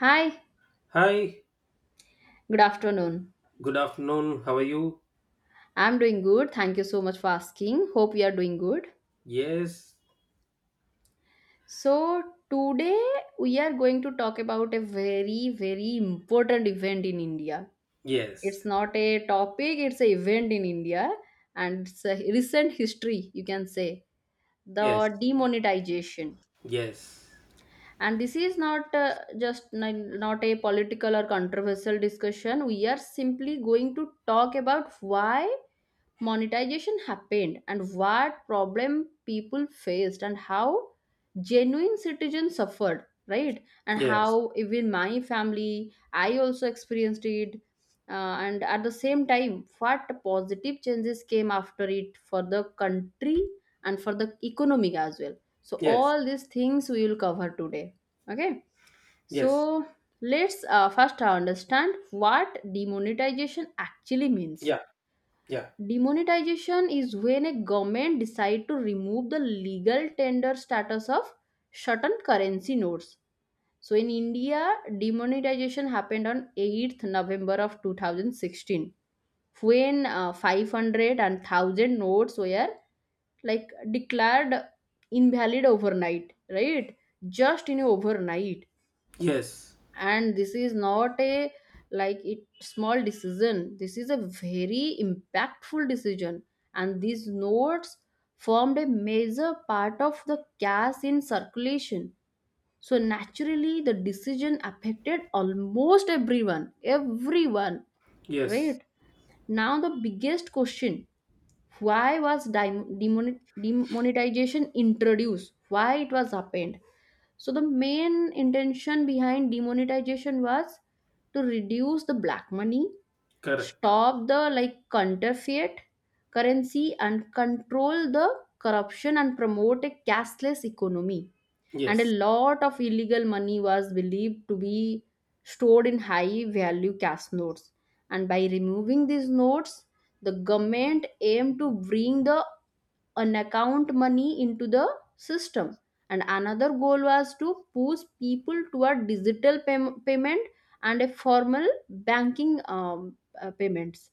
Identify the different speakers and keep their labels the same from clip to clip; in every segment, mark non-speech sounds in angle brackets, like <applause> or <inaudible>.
Speaker 1: Hi,
Speaker 2: Hi,
Speaker 1: good afternoon.
Speaker 2: good afternoon. How are you?
Speaker 1: I'm doing good. Thank you so much for asking. Hope you are doing good.
Speaker 2: Yes,
Speaker 1: So, today we are going to talk about a very, very important event in India. It's
Speaker 2: yes,
Speaker 1: not a topic, it's an event in India, and it's a recent history, you can say.
Speaker 2: yes,
Speaker 1: The demonetization.
Speaker 2: yes,
Speaker 1: And this is not just not a political or controversial discussion. We are simply going to talk about why monetization happened and what problem people faced and how genuine citizens suffered, right, and
Speaker 2: yes,
Speaker 1: how even my family, I also experienced it. And at the same time, what positive changes came after it for the country and for the economic as well. So
Speaker 2: yes,
Speaker 1: all these things we will cover today, okay.
Speaker 2: yes,
Speaker 1: So let's first understand what demonetization actually means.
Speaker 2: yeah, yeah,
Speaker 1: Demonetization is when a government decide to remove the legal tender status of certain currency notes. So in India, demonetization happened on November 8th of 2016, when 500 notes were, like, declared invalid overnight, right? Just in overnight.
Speaker 2: yes,
Speaker 1: And this is not a, like, it small decision, this is a very impactful decision, and these notes formed a major part of the cash in circulation, so naturally the decision affected almost everyone,
Speaker 2: yes,
Speaker 1: right. Now the biggest question, why was demonetization introduced, why it was happened? So the main intention behind demonetization was to reduce the black money,
Speaker 2: correct.
Speaker 1: stop the like counterfeit currency and control the corruption and promote a cashless economy. And a
Speaker 2: Yes,
Speaker 1: lot of illegal money was believed to be stored in high value cash notes, and by removing these notes the government aimed to bring the unaccount money into the system. And another goal was to push people toward payment and a formal banking payments,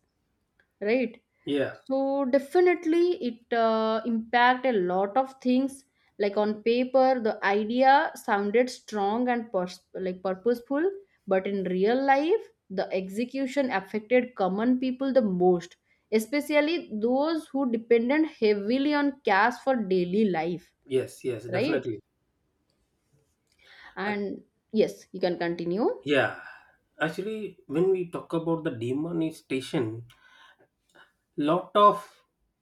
Speaker 1: right.
Speaker 2: yeah,
Speaker 1: So definitely it impact a lot of things, like on paper the idea sounded strong and purposeful, but in real life the execution affected common people the most, especially those who depended heavily on cash for daily life,
Speaker 2: yes, yes,
Speaker 1: right.
Speaker 2: definitely. Ac-
Speaker 1: And yes, you can continue.
Speaker 2: yeah, actually, when we talk about the demonetization, lot of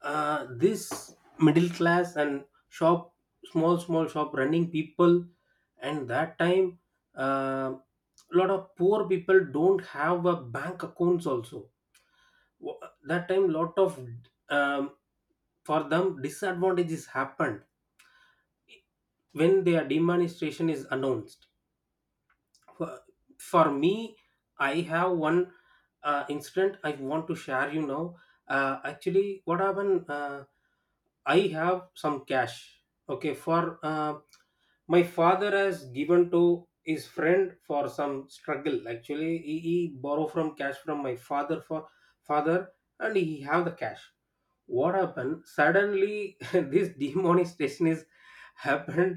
Speaker 2: this middle class and shop small small shop running people, and that time, a lot of poor people don't have a bank accounts also. Wha- that time lot of um, for them disadvantages happened when their demonetization is announced. for for me, I have one incident I want to share you now. Actually, what happened I have some cash, okay? for uh, my father has given to his friend for some struggle. Actually, he borrow from cash from my father for father, and he have the cash. What happened suddenly <laughs> this demonetization is happened,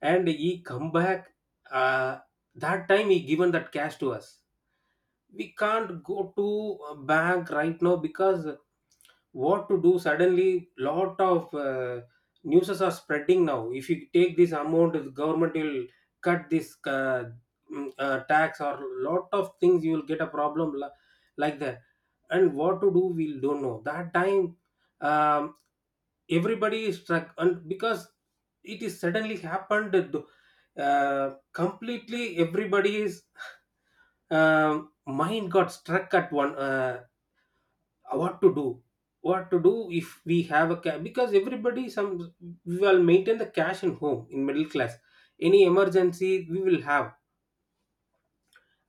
Speaker 2: and he come back. Uh, that time he given that cash to us. We can't go to a bank right now. Because what to do? Suddenly, lot of newses are spreading now. If you take this amount, the government will cut this tax or lot of things. You will get a problem like that. And what to do? We don't know that time. um Everybody is struck, and because it is suddenly happened completely everybody's um mind got struck at one. What to do, what to do if we have a because everybody some, we will maintain the cash in home in middle class, any emergency we will have.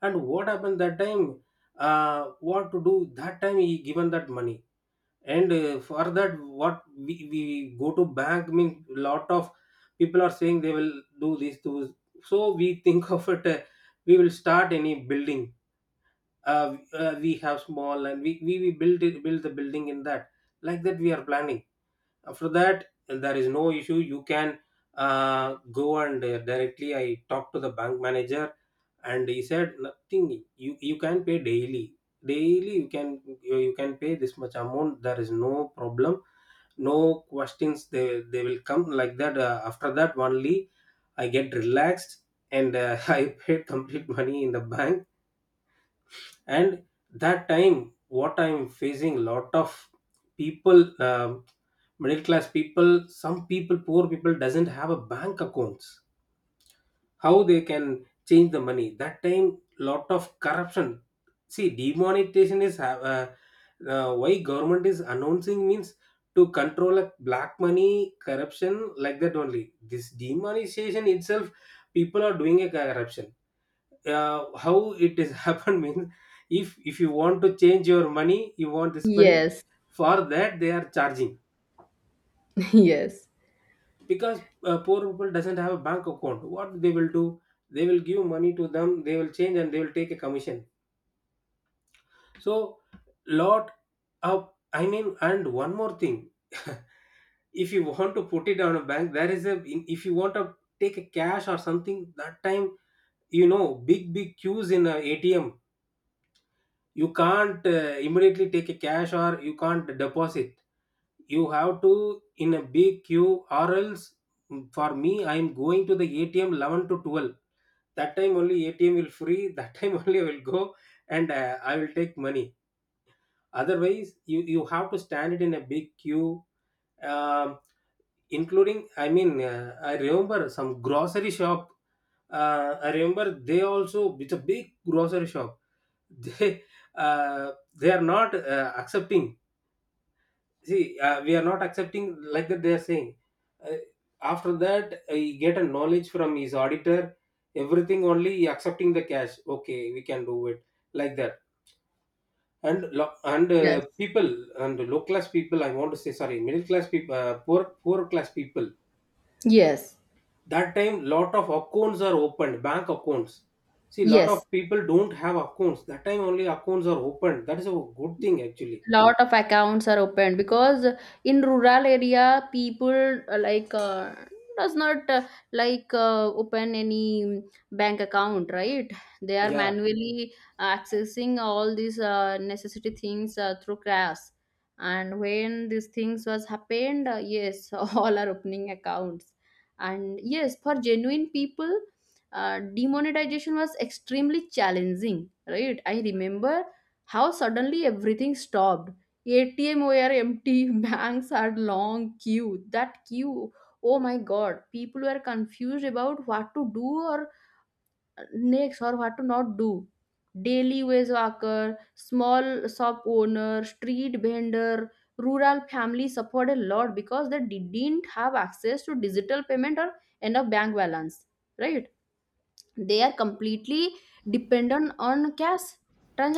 Speaker 2: And what happened that time, what to do? That time he given that money, and for that, what we go to bank means lot of people are saying they will do this tools. So we think <laughs> of it, we will start any building, we have small and we build it, build the building in that, like that we are planning. After that, there is no issue. You can go, and directly I talked to the bank manager, and he said nothing. You can pay daily, daily you can, you can pay this much amount, there is no problem, no questions they will come like that. After that only I get relaxed, and <laughs> I paid complete money in the bank. And that time, what I'm facing, lot of people middle class people, some people, poor people doesn't have a bank accounts. How they can change the money? That time lot of corruption. See, demonetization is have why government is announcing means to control a black money, corruption, like that. Only this demonetization itself, people are doing a corruption. How it is <laughs> happened means, if you want to change your money, you want this money,
Speaker 1: Yes.
Speaker 2: for that they are charging.
Speaker 1: <laughs> Yes,
Speaker 2: Because poor people doesn't have a bank account, what they will do? They will give money to them, they will change, and they will take a commission. So lot of, I mean, and one more thing <laughs> if you want to put it on a bank, there is a, if you want to take a cash or something, that time, you know, big big queues in a ATM. You can't immediately take a cash, or you can't deposit. You have to in a big queue, or else, for me, I am going to the ATM 11 to 12. That time only ATM will free, that time <laughs> only I will go, and I will take money. Otherwise, you have to stand it in a big queue. Um Including, I mean, I remember some grocery shop, I remember. They also, it's a big grocery shop <laughs> they uh, they are not accepting. "See we are not accepting," like that they are saying. uh, After that, he get a knowledge from his auditor everything, only he accepting the cash. Okay, we can do it, like that. And
Speaker 1: yes,
Speaker 2: people and low class people, I want to say sorry, middle class people, poor poor class people,
Speaker 1: yes,
Speaker 2: that time lot of accounts are opened, bank accounts. See, lot of
Speaker 1: yes.
Speaker 2: people don't have accounts, that time only accounts are opened, that is a good thing actually.
Speaker 1: Lot of accounts are opened because in rural area people, does not, open any bank account, right. They are
Speaker 2: Yeah.
Speaker 1: manually accessing all these necessity things through crafts, and when these things was happened, yes, <laughs> all are opening accounts. And yes, for genuine people, demonetization was extremely challenging, right. I remember how suddenly everything stopped. ATM were empty, <laughs> banks had long queue. That queue, oh my god, people were confused about what to do or next or what to not do. Daily wage worker, small shop owner, street vendor, rural families suffered a lot because they didn't have access to digital payment or enough bank balance. Right? They are completely dependent on cash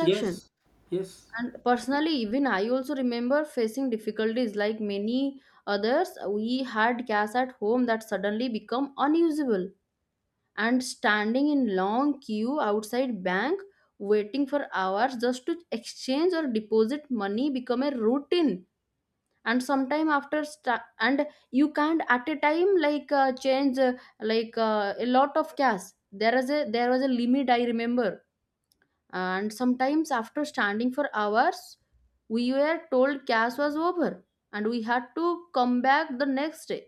Speaker 2: Yes, yes.
Speaker 1: And personally, even I also remember facing difficulties like many others. We had gas at home that suddenly become unusable, and standing in long queue outside bank, waiting for hours just to exchange or deposit money become a routine. And sometime after and you can't at a time, like, change, a lot of cash. There was a limit I remember, and sometimes after standing for hours we were told class was over and we had to come back the next day,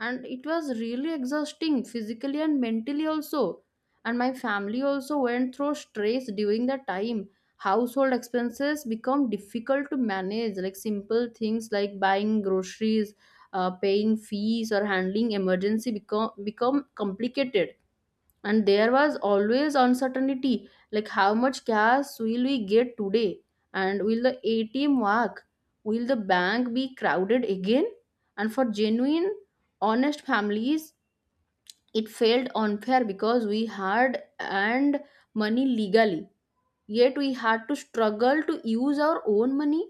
Speaker 1: and it was really exhausting physically and mentally also. And my family also went through stress during that time. Household expenses become difficult to manage, like simple things like buying groceries, paying fees or handling emergency become complicated, and there was always uncertainty, like how much cash will we get today, and will the ATM work, will the bank be crowded again. And for genuine honest families it felt unfair because we had earned money legally, yet we had to struggle to use our own money,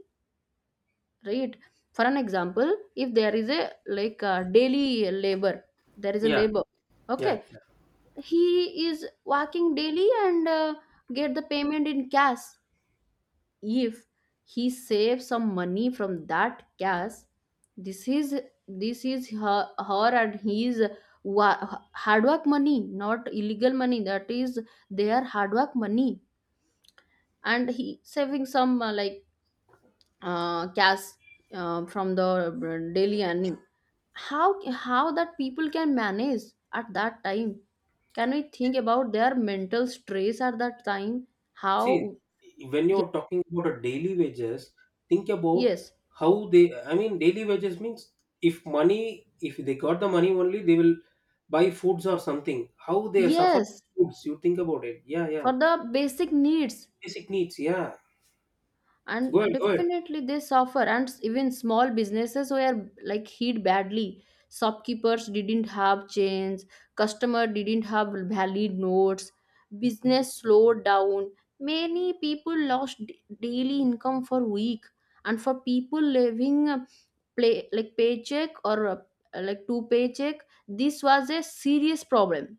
Speaker 1: right. For an example, if there is a, like, a daily labor, there is a
Speaker 2: Yeah,
Speaker 1: labor, okay,
Speaker 2: yeah, yeah.
Speaker 1: he is working daily, and get the payment in cash. If he saves some money from that cash, this is, her, her and his, hard work money, not illegal money, that is their hard work money. And he saving some cash from the daily earning, how that people can manage at that time? Can we think about their mental stress at that time?
Speaker 2: See,
Speaker 1: How?
Speaker 2: when
Speaker 1: ye-
Speaker 2: you're talking about a daily wages, think about
Speaker 1: yes,
Speaker 2: how they, I mean, daily wages means if money, if they got the money only they will buy foods or something. How they suffer?
Speaker 1: yes,
Speaker 2: Foods, you think about it. Yeah, yeah.
Speaker 1: for the basic needs.
Speaker 2: Basic needs, yeah.
Speaker 1: And
Speaker 2: Go ahead, go ahead.
Speaker 1: definitely they suffer, and even small businesses were, like, hit badly. Shopkeepers didn't have change, customer didn't have valid notes, business slowed down, many people lost daily income for week. And for people living play like paycheck or two paycheck, this was a serious problem.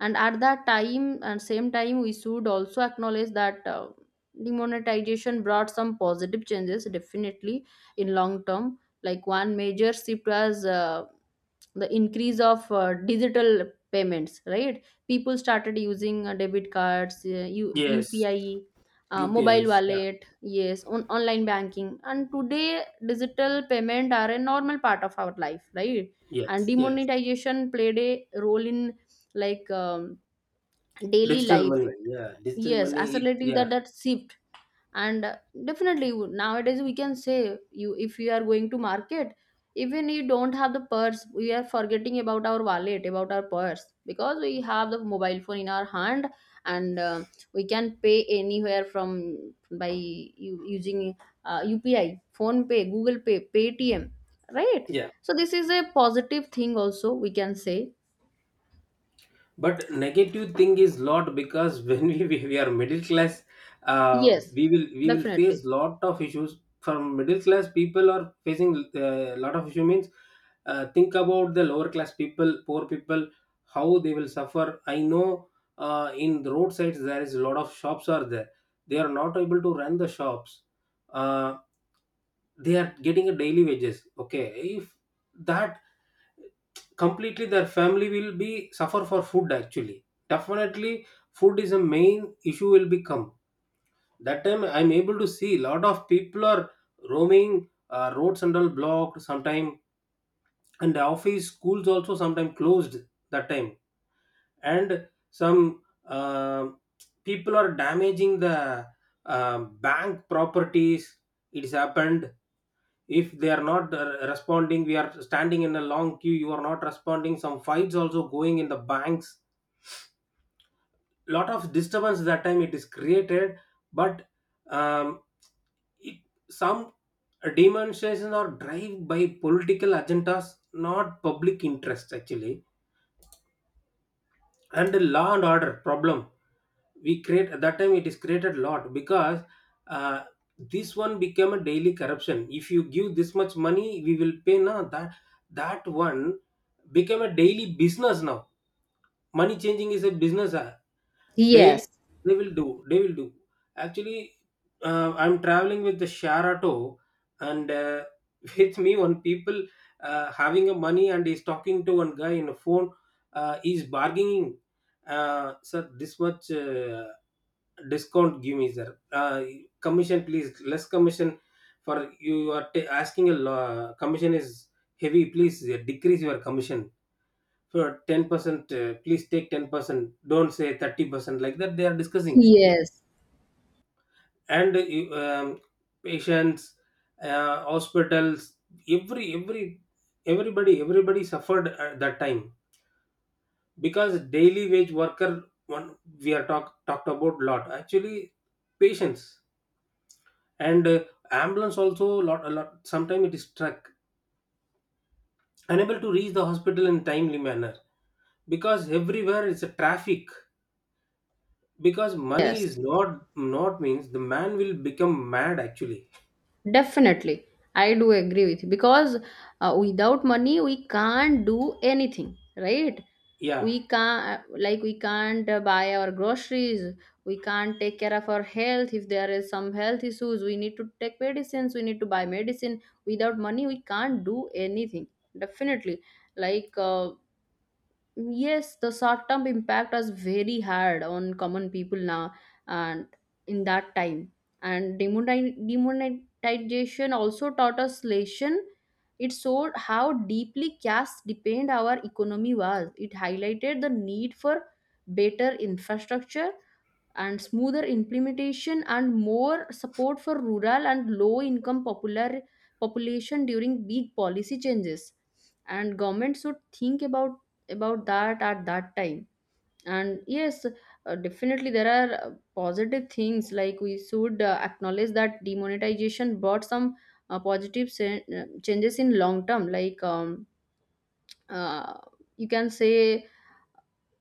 Speaker 1: And at that time and same time we should also acknowledge that demonetization brought some positive changes, definitely, in long term. Like one major shift was the increase of digital payments, right. People started using debit cards,
Speaker 2: Yes.
Speaker 1: UPI, mobile
Speaker 2: UPIs. Yeah.
Speaker 1: wallet, yes, on online banking, and today digital payment are a normal part of our life, right. And
Speaker 2: Yes, yes.
Speaker 1: demonetization played a role in, like um, daily
Speaker 2: Digital
Speaker 1: life,
Speaker 2: money. Yeah, digital
Speaker 1: yes,
Speaker 2: money. It,
Speaker 1: accelerating that
Speaker 2: yeah,
Speaker 1: that shift. And definitely, nowadays we can say, you, if you are going to market, even you don't have the purse, we are forgetting about our wallet, about our purse, because we have the mobile phone in our hand, and we can pay anywhere from by using UPI, phone pay google Pay, Paytm, right.
Speaker 2: yeah.
Speaker 1: So this is a positive thing also, we can say.
Speaker 2: But negative thing is lot, because <laughs> when we are middle class,
Speaker 1: Yes,
Speaker 2: we will, we will
Speaker 1: definitely.
Speaker 2: face lot of issues. From middle class, people are facing a lot of issue means, think about the lower class people, poor people, how they will suffer. I know in the roadsides, there is a lot of shops are there. They are not able to run the shops. Uh, they are getting a daily wages. Okay, if that, completely their family will be suffer for food. Actually, definitely food is a main issue will become. That time I'm able to see lot of people are roaming roads and all blocked sometime, and the office, schools also sometime closed that time. And some people are damaging the bank properties, it's happened. If they are not responding, we are standing in a long queue, you are not responding, some fights also going in the banks. Lot of disturbance that time it is created. But um, it, some demonstrations are drive by political agendas, not public interest actually. And the law and order problem we create at that time, it is created a lot. Because uh, this one became a daily corruption. If you give this much money, we will pay now. That that one became a daily business now, money changing is a business. They
Speaker 1: Yes,
Speaker 2: They will do. Actually, I'm traveling with the Sharato, and <laughs> with me one people having a money, and he's talking to one guy in a phone. He's bargaining, "Sir, this much discount give me, sir. Commission, please. Less commission, for you are ta asking a commission is heavy. Please decrease your commission, for 10% please take 10%, don't say 30%." Like that they are discussing.
Speaker 1: yes.
Speaker 2: And patients, hospitals, every, everybody, everybody suffered at that time. Because daily wage worker one, we are talked about lot, actually patients, and ambulance also lot a lot, sometimes it is stuck, unable to reach the hospital in timely manner, because everywhere is a traffic. Because money
Speaker 1: Yes,
Speaker 2: is not means, the man will become mad actually.
Speaker 1: definitely. I do agree with you, because without money we can't do anything, right?
Speaker 2: Yeah.
Speaker 1: We can't, we can't buy our groceries. We can't take care of our health if there is some health issues. We need to take medicines. We need to buy medicine. Without money, we can't do anything. Definitely, like uh, yes, the short term impact was very hard on common people now and in that time. And demonetization also taught us lesson. It showed how deeply caste depend our economy was. It highlighted the need for better infrastructure and smoother implementation and more support for rural and low income popular population during big policy changes, and government should think about that at that time. And yes, definitely there are positive things. Like, we should acknowledge that demonetization brought some changes in long term. Uh, you can say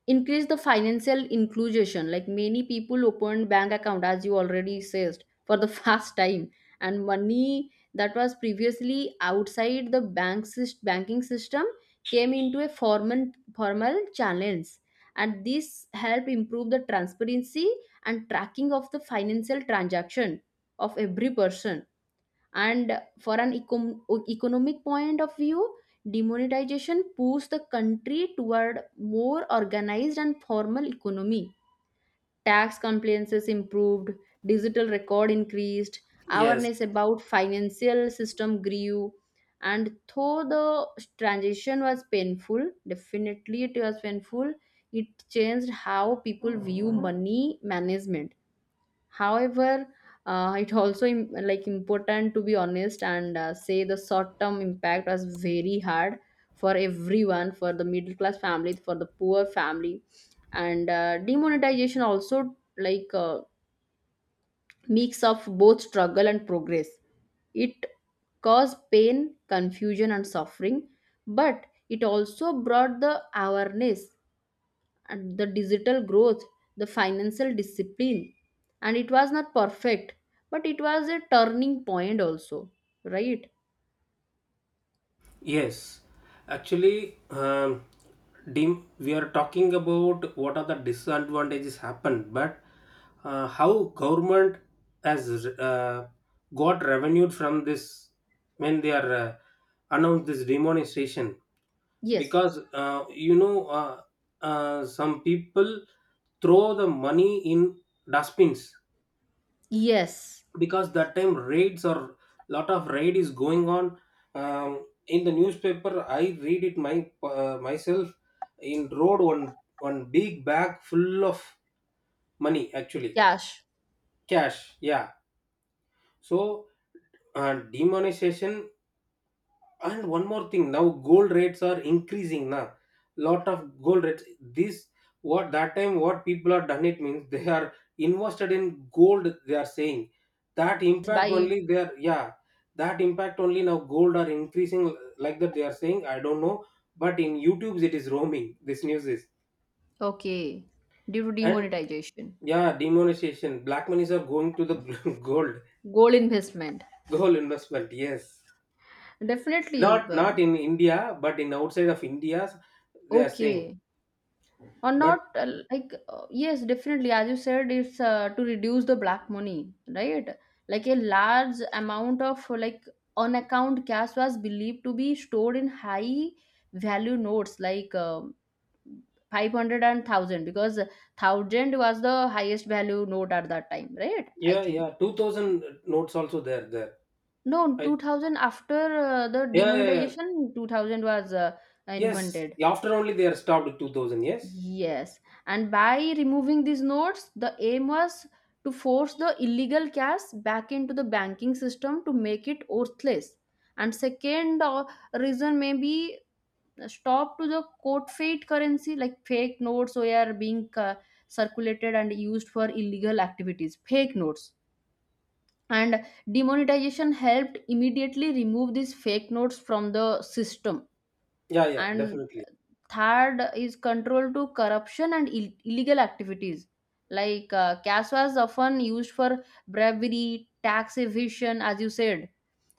Speaker 1: increase the financial inclusion, like many people opened bank account, as you already said, for the <laughs> first time. And money that was previously outside the banking system came into a formal channels, and this help improve the transparency and tracking of the financial transaction of every person. And for an economic point of view, demonetization pushed the country toward more organized and formal economy. Tax compliances improved, digital record increased,
Speaker 2: Yes,
Speaker 1: awareness about financial system grew. And though the transition was painful, definitely it was painful, it changed how people view money management. However, it also important to be honest and say the short term impact was very hard for everyone, for the middle class family, for the poor family. And demonetization also, mix of both struggle and progress. It caused pain, confusion and suffering, but it also brought the awareness and the digital growth, the financial discipline. And it was not perfect, but it was a turning point also, right?
Speaker 2: yes. Actually, dim we are talking about what are the disadvantages happen, but how government has got revenue from this when they are announced this demonstration.
Speaker 1: Yes.
Speaker 2: Because you know, some people throw the money in dustbins,
Speaker 1: Yes.
Speaker 2: because that time raids or lot of raid is going on. In the newspaper, I read it my myself, in road one one big bag full of money, actually
Speaker 1: Cash
Speaker 2: cash. Yeah. So demonetization. And one more thing, now gold rates are increasing now. Lot of gold rates. This, what that time, what people are done it means they are invested in gold, they are saying. That impact
Speaker 1: by,
Speaker 2: only, they are, yeah, that impact only now gold are increasing, like that they are saying. I don't know, but in YouTube's it is roaming, this news is.
Speaker 1: okay. Due to
Speaker 2: And
Speaker 1: demonetization.
Speaker 2: yeah, demonetization, black monies are going to the <laughs> gold.
Speaker 1: Gold investment.
Speaker 2: Gold investment, yes.
Speaker 1: Definitely,
Speaker 2: Not
Speaker 1: but
Speaker 2: not in India, but in outside of India, they are saying.
Speaker 1: okay. Or
Speaker 2: But
Speaker 1: not, yes, definitely, as you said, it's to reduce the black money, right. Like a large amount of on account cash was believed to be stored in high value notes like 500, because 1,000 was the highest value note at that time, right, I
Speaker 2: yeah,
Speaker 1: think.
Speaker 2: yeah, 2000 notes also there, there.
Speaker 1: No,
Speaker 2: I,
Speaker 1: 2,000 after the
Speaker 2: yeah, yeah, yeah.
Speaker 1: demonetization, 2,000 was
Speaker 2: Yes,
Speaker 1: invented.
Speaker 2: after only they are stopped at 2000, yes?
Speaker 1: Yes, and by removing these notes, the aim was to force the illegal cash back into the banking system to make it worthless. And second, reason may be stop to the court fate currency, like fake notes were being circulated and used for illegal activities. Fake notes. And demonetization helped immediately remove these fake notes from the system.
Speaker 2: Yeah, yeah,
Speaker 1: And
Speaker 2: definitely.
Speaker 1: third is control to corruption and illegal activities. Like, cash was often used for bribery, tax evasion, as you said,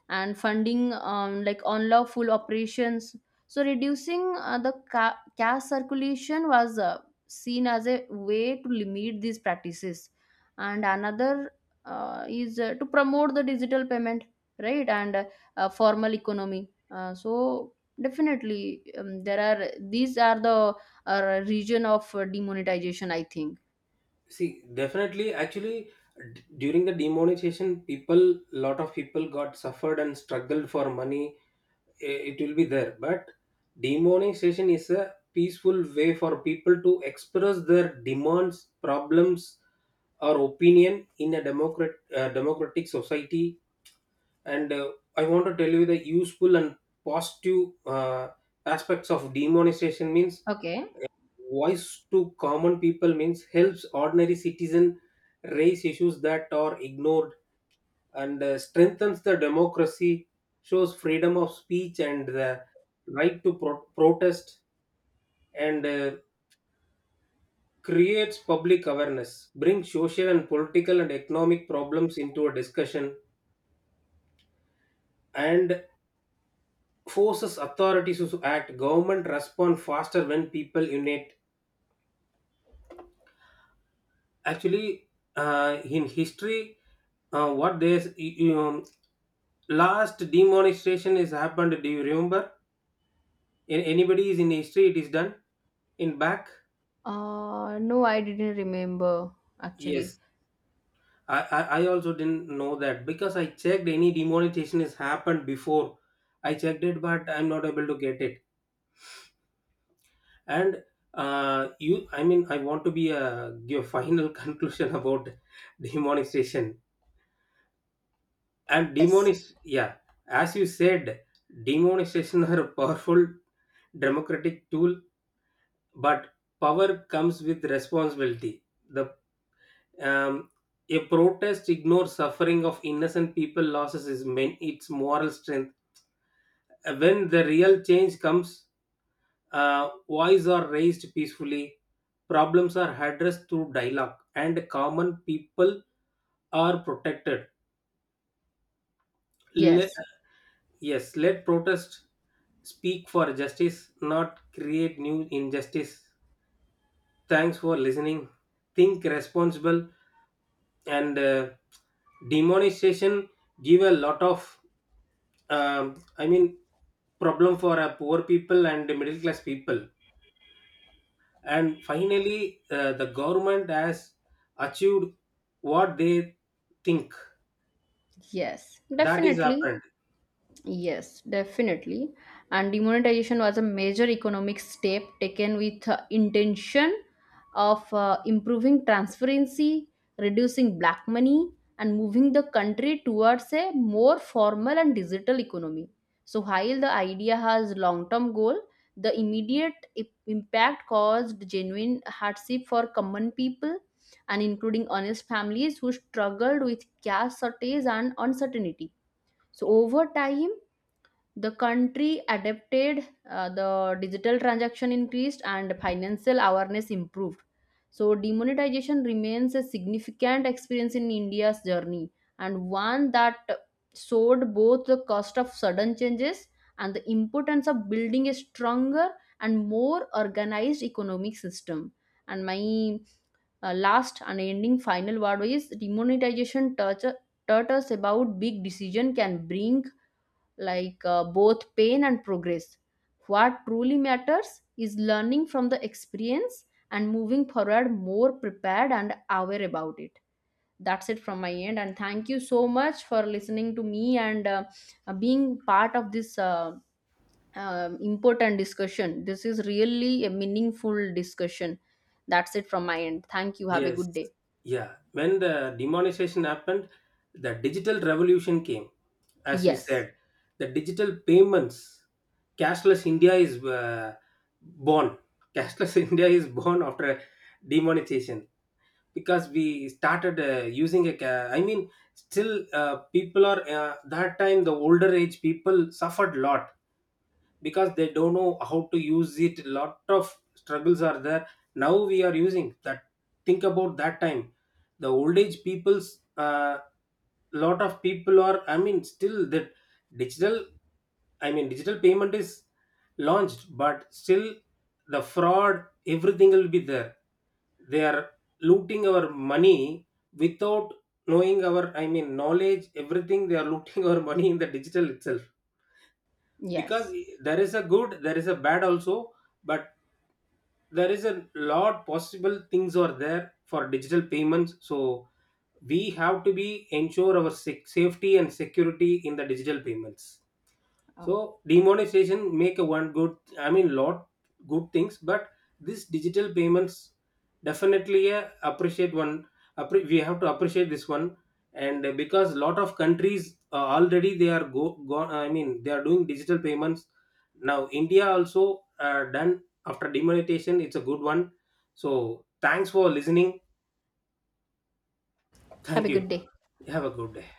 Speaker 1: and funding, unlawful operations. So reducing the cash circulation was seen as a way to limit these practices. And another is, to promote the digital payment, right, and formal economy. So definitely, there are these are the region of demonetization, I think.
Speaker 2: See, definitely, actually, during the demonetization, people, lot of people got suffered and struggled for money. It will be there. But demonetization is a peaceful way for people to express their demands, problems, or opinion in a democratic society. And I want to tell you the useful and positive aspects of demonetization means
Speaker 1: Okay.
Speaker 2: voice to common people, means helps ordinary citizen raise issues that are ignored, and strengthens the democracy, shows freedom of speech and the right to protest, and creates public awareness, brings social and political and economic problems into a discussion, and forces authorities to act. Government respond faster when people unite. Actually, in history, what there's, you know, last demonstration is happened, do you remember, in anybody is in history it is done, in back?
Speaker 1: No, I didn't remember actually.
Speaker 2: Yes, I also didn't know that, because I checked any demonetization has happened before, I checked it, but I'm not able to get it. And you, I mean, I want to be a give a final <laughs> conclusion about demonetization and
Speaker 1: Yes.
Speaker 2: demonish. Yeah, as you said, demonization are a powerful democratic tool, but power comes with responsibility. The um, a protest ignores suffering of innocent people, losses is main, its moral strength when the real change comes, voices are raised peacefully, problems are addressed through dialogue, and common people are protected. Le-
Speaker 1: Yes.
Speaker 2: Yes, let protest speak for justice, not create new injustice. Thanks for listening. Think responsible. And demonization give a lot of, I mean, problem for poor people and middle class people. And finally, the government has achieved what they think,
Speaker 1: Yes,
Speaker 2: that is
Speaker 1: definitely.
Speaker 2: happened.
Speaker 1: Yes, definitely. And demonetization was a major economic step taken with intention of improving transparency, reducing black money, and moving the country towards a more formal and digital economy. So while the idea has long-term goal, the immediate impact caused genuine hardship for common people and including honest families who struggled with cash shortage and uncertainty. So over time the country adapted, the digital transaction increased and financial awareness improved. So demonetization remains a significant experience in India's journey, and one that showed both the cost of sudden changes and the importance of building a stronger and more organized economic system. And my last and ending final word is, demonetization touch taught us about big decision can bring, both pain and progress. What truly matters is learning from the experience and moving forward more prepared and aware about it. That's it from my end, and thank you so much for listening to me, and being part of this important discussion. This is really a meaningful discussion. That's it from my end. Thank you. Have a
Speaker 2: Yes,
Speaker 1: good day.
Speaker 2: yeah. When the demonetization happened, the digital revolution came. As we
Speaker 1: Yes.
Speaker 2: said, the digital payments, cashless India is born. Cashless <laughs> India is born after demonetization, because we started using a. I mean, still people are that time the older age people suffered lot, because they don't know how to use it, lot of struggles are there. Now we are using that. Think about that time, the old age people's lot of people are, I mean, still that digital, I mean, digital payment is launched, but still the fraud everything will be there. They are looting our money without knowing our, I mean, knowledge, everything they are looting <laughs> our money in the digital itself. Because
Speaker 1: Yes.
Speaker 2: there is a good, there is a bad also, but there is a lot possible things are there for digital payments. So we have to be ensure our safety and security in the digital payments.
Speaker 1: Okay.
Speaker 2: So demonetization make a one good, I mean, lot good things, but this digital payments definitely appreciate one. We have to appreciate this one, and because lot of countries already they are go gone, I mean, they are doing digital payments now. India also done after demonetization. It's a good one. So thanks for listening.
Speaker 1: Have a
Speaker 2: Thank you.
Speaker 1: good day.
Speaker 2: Have a good day.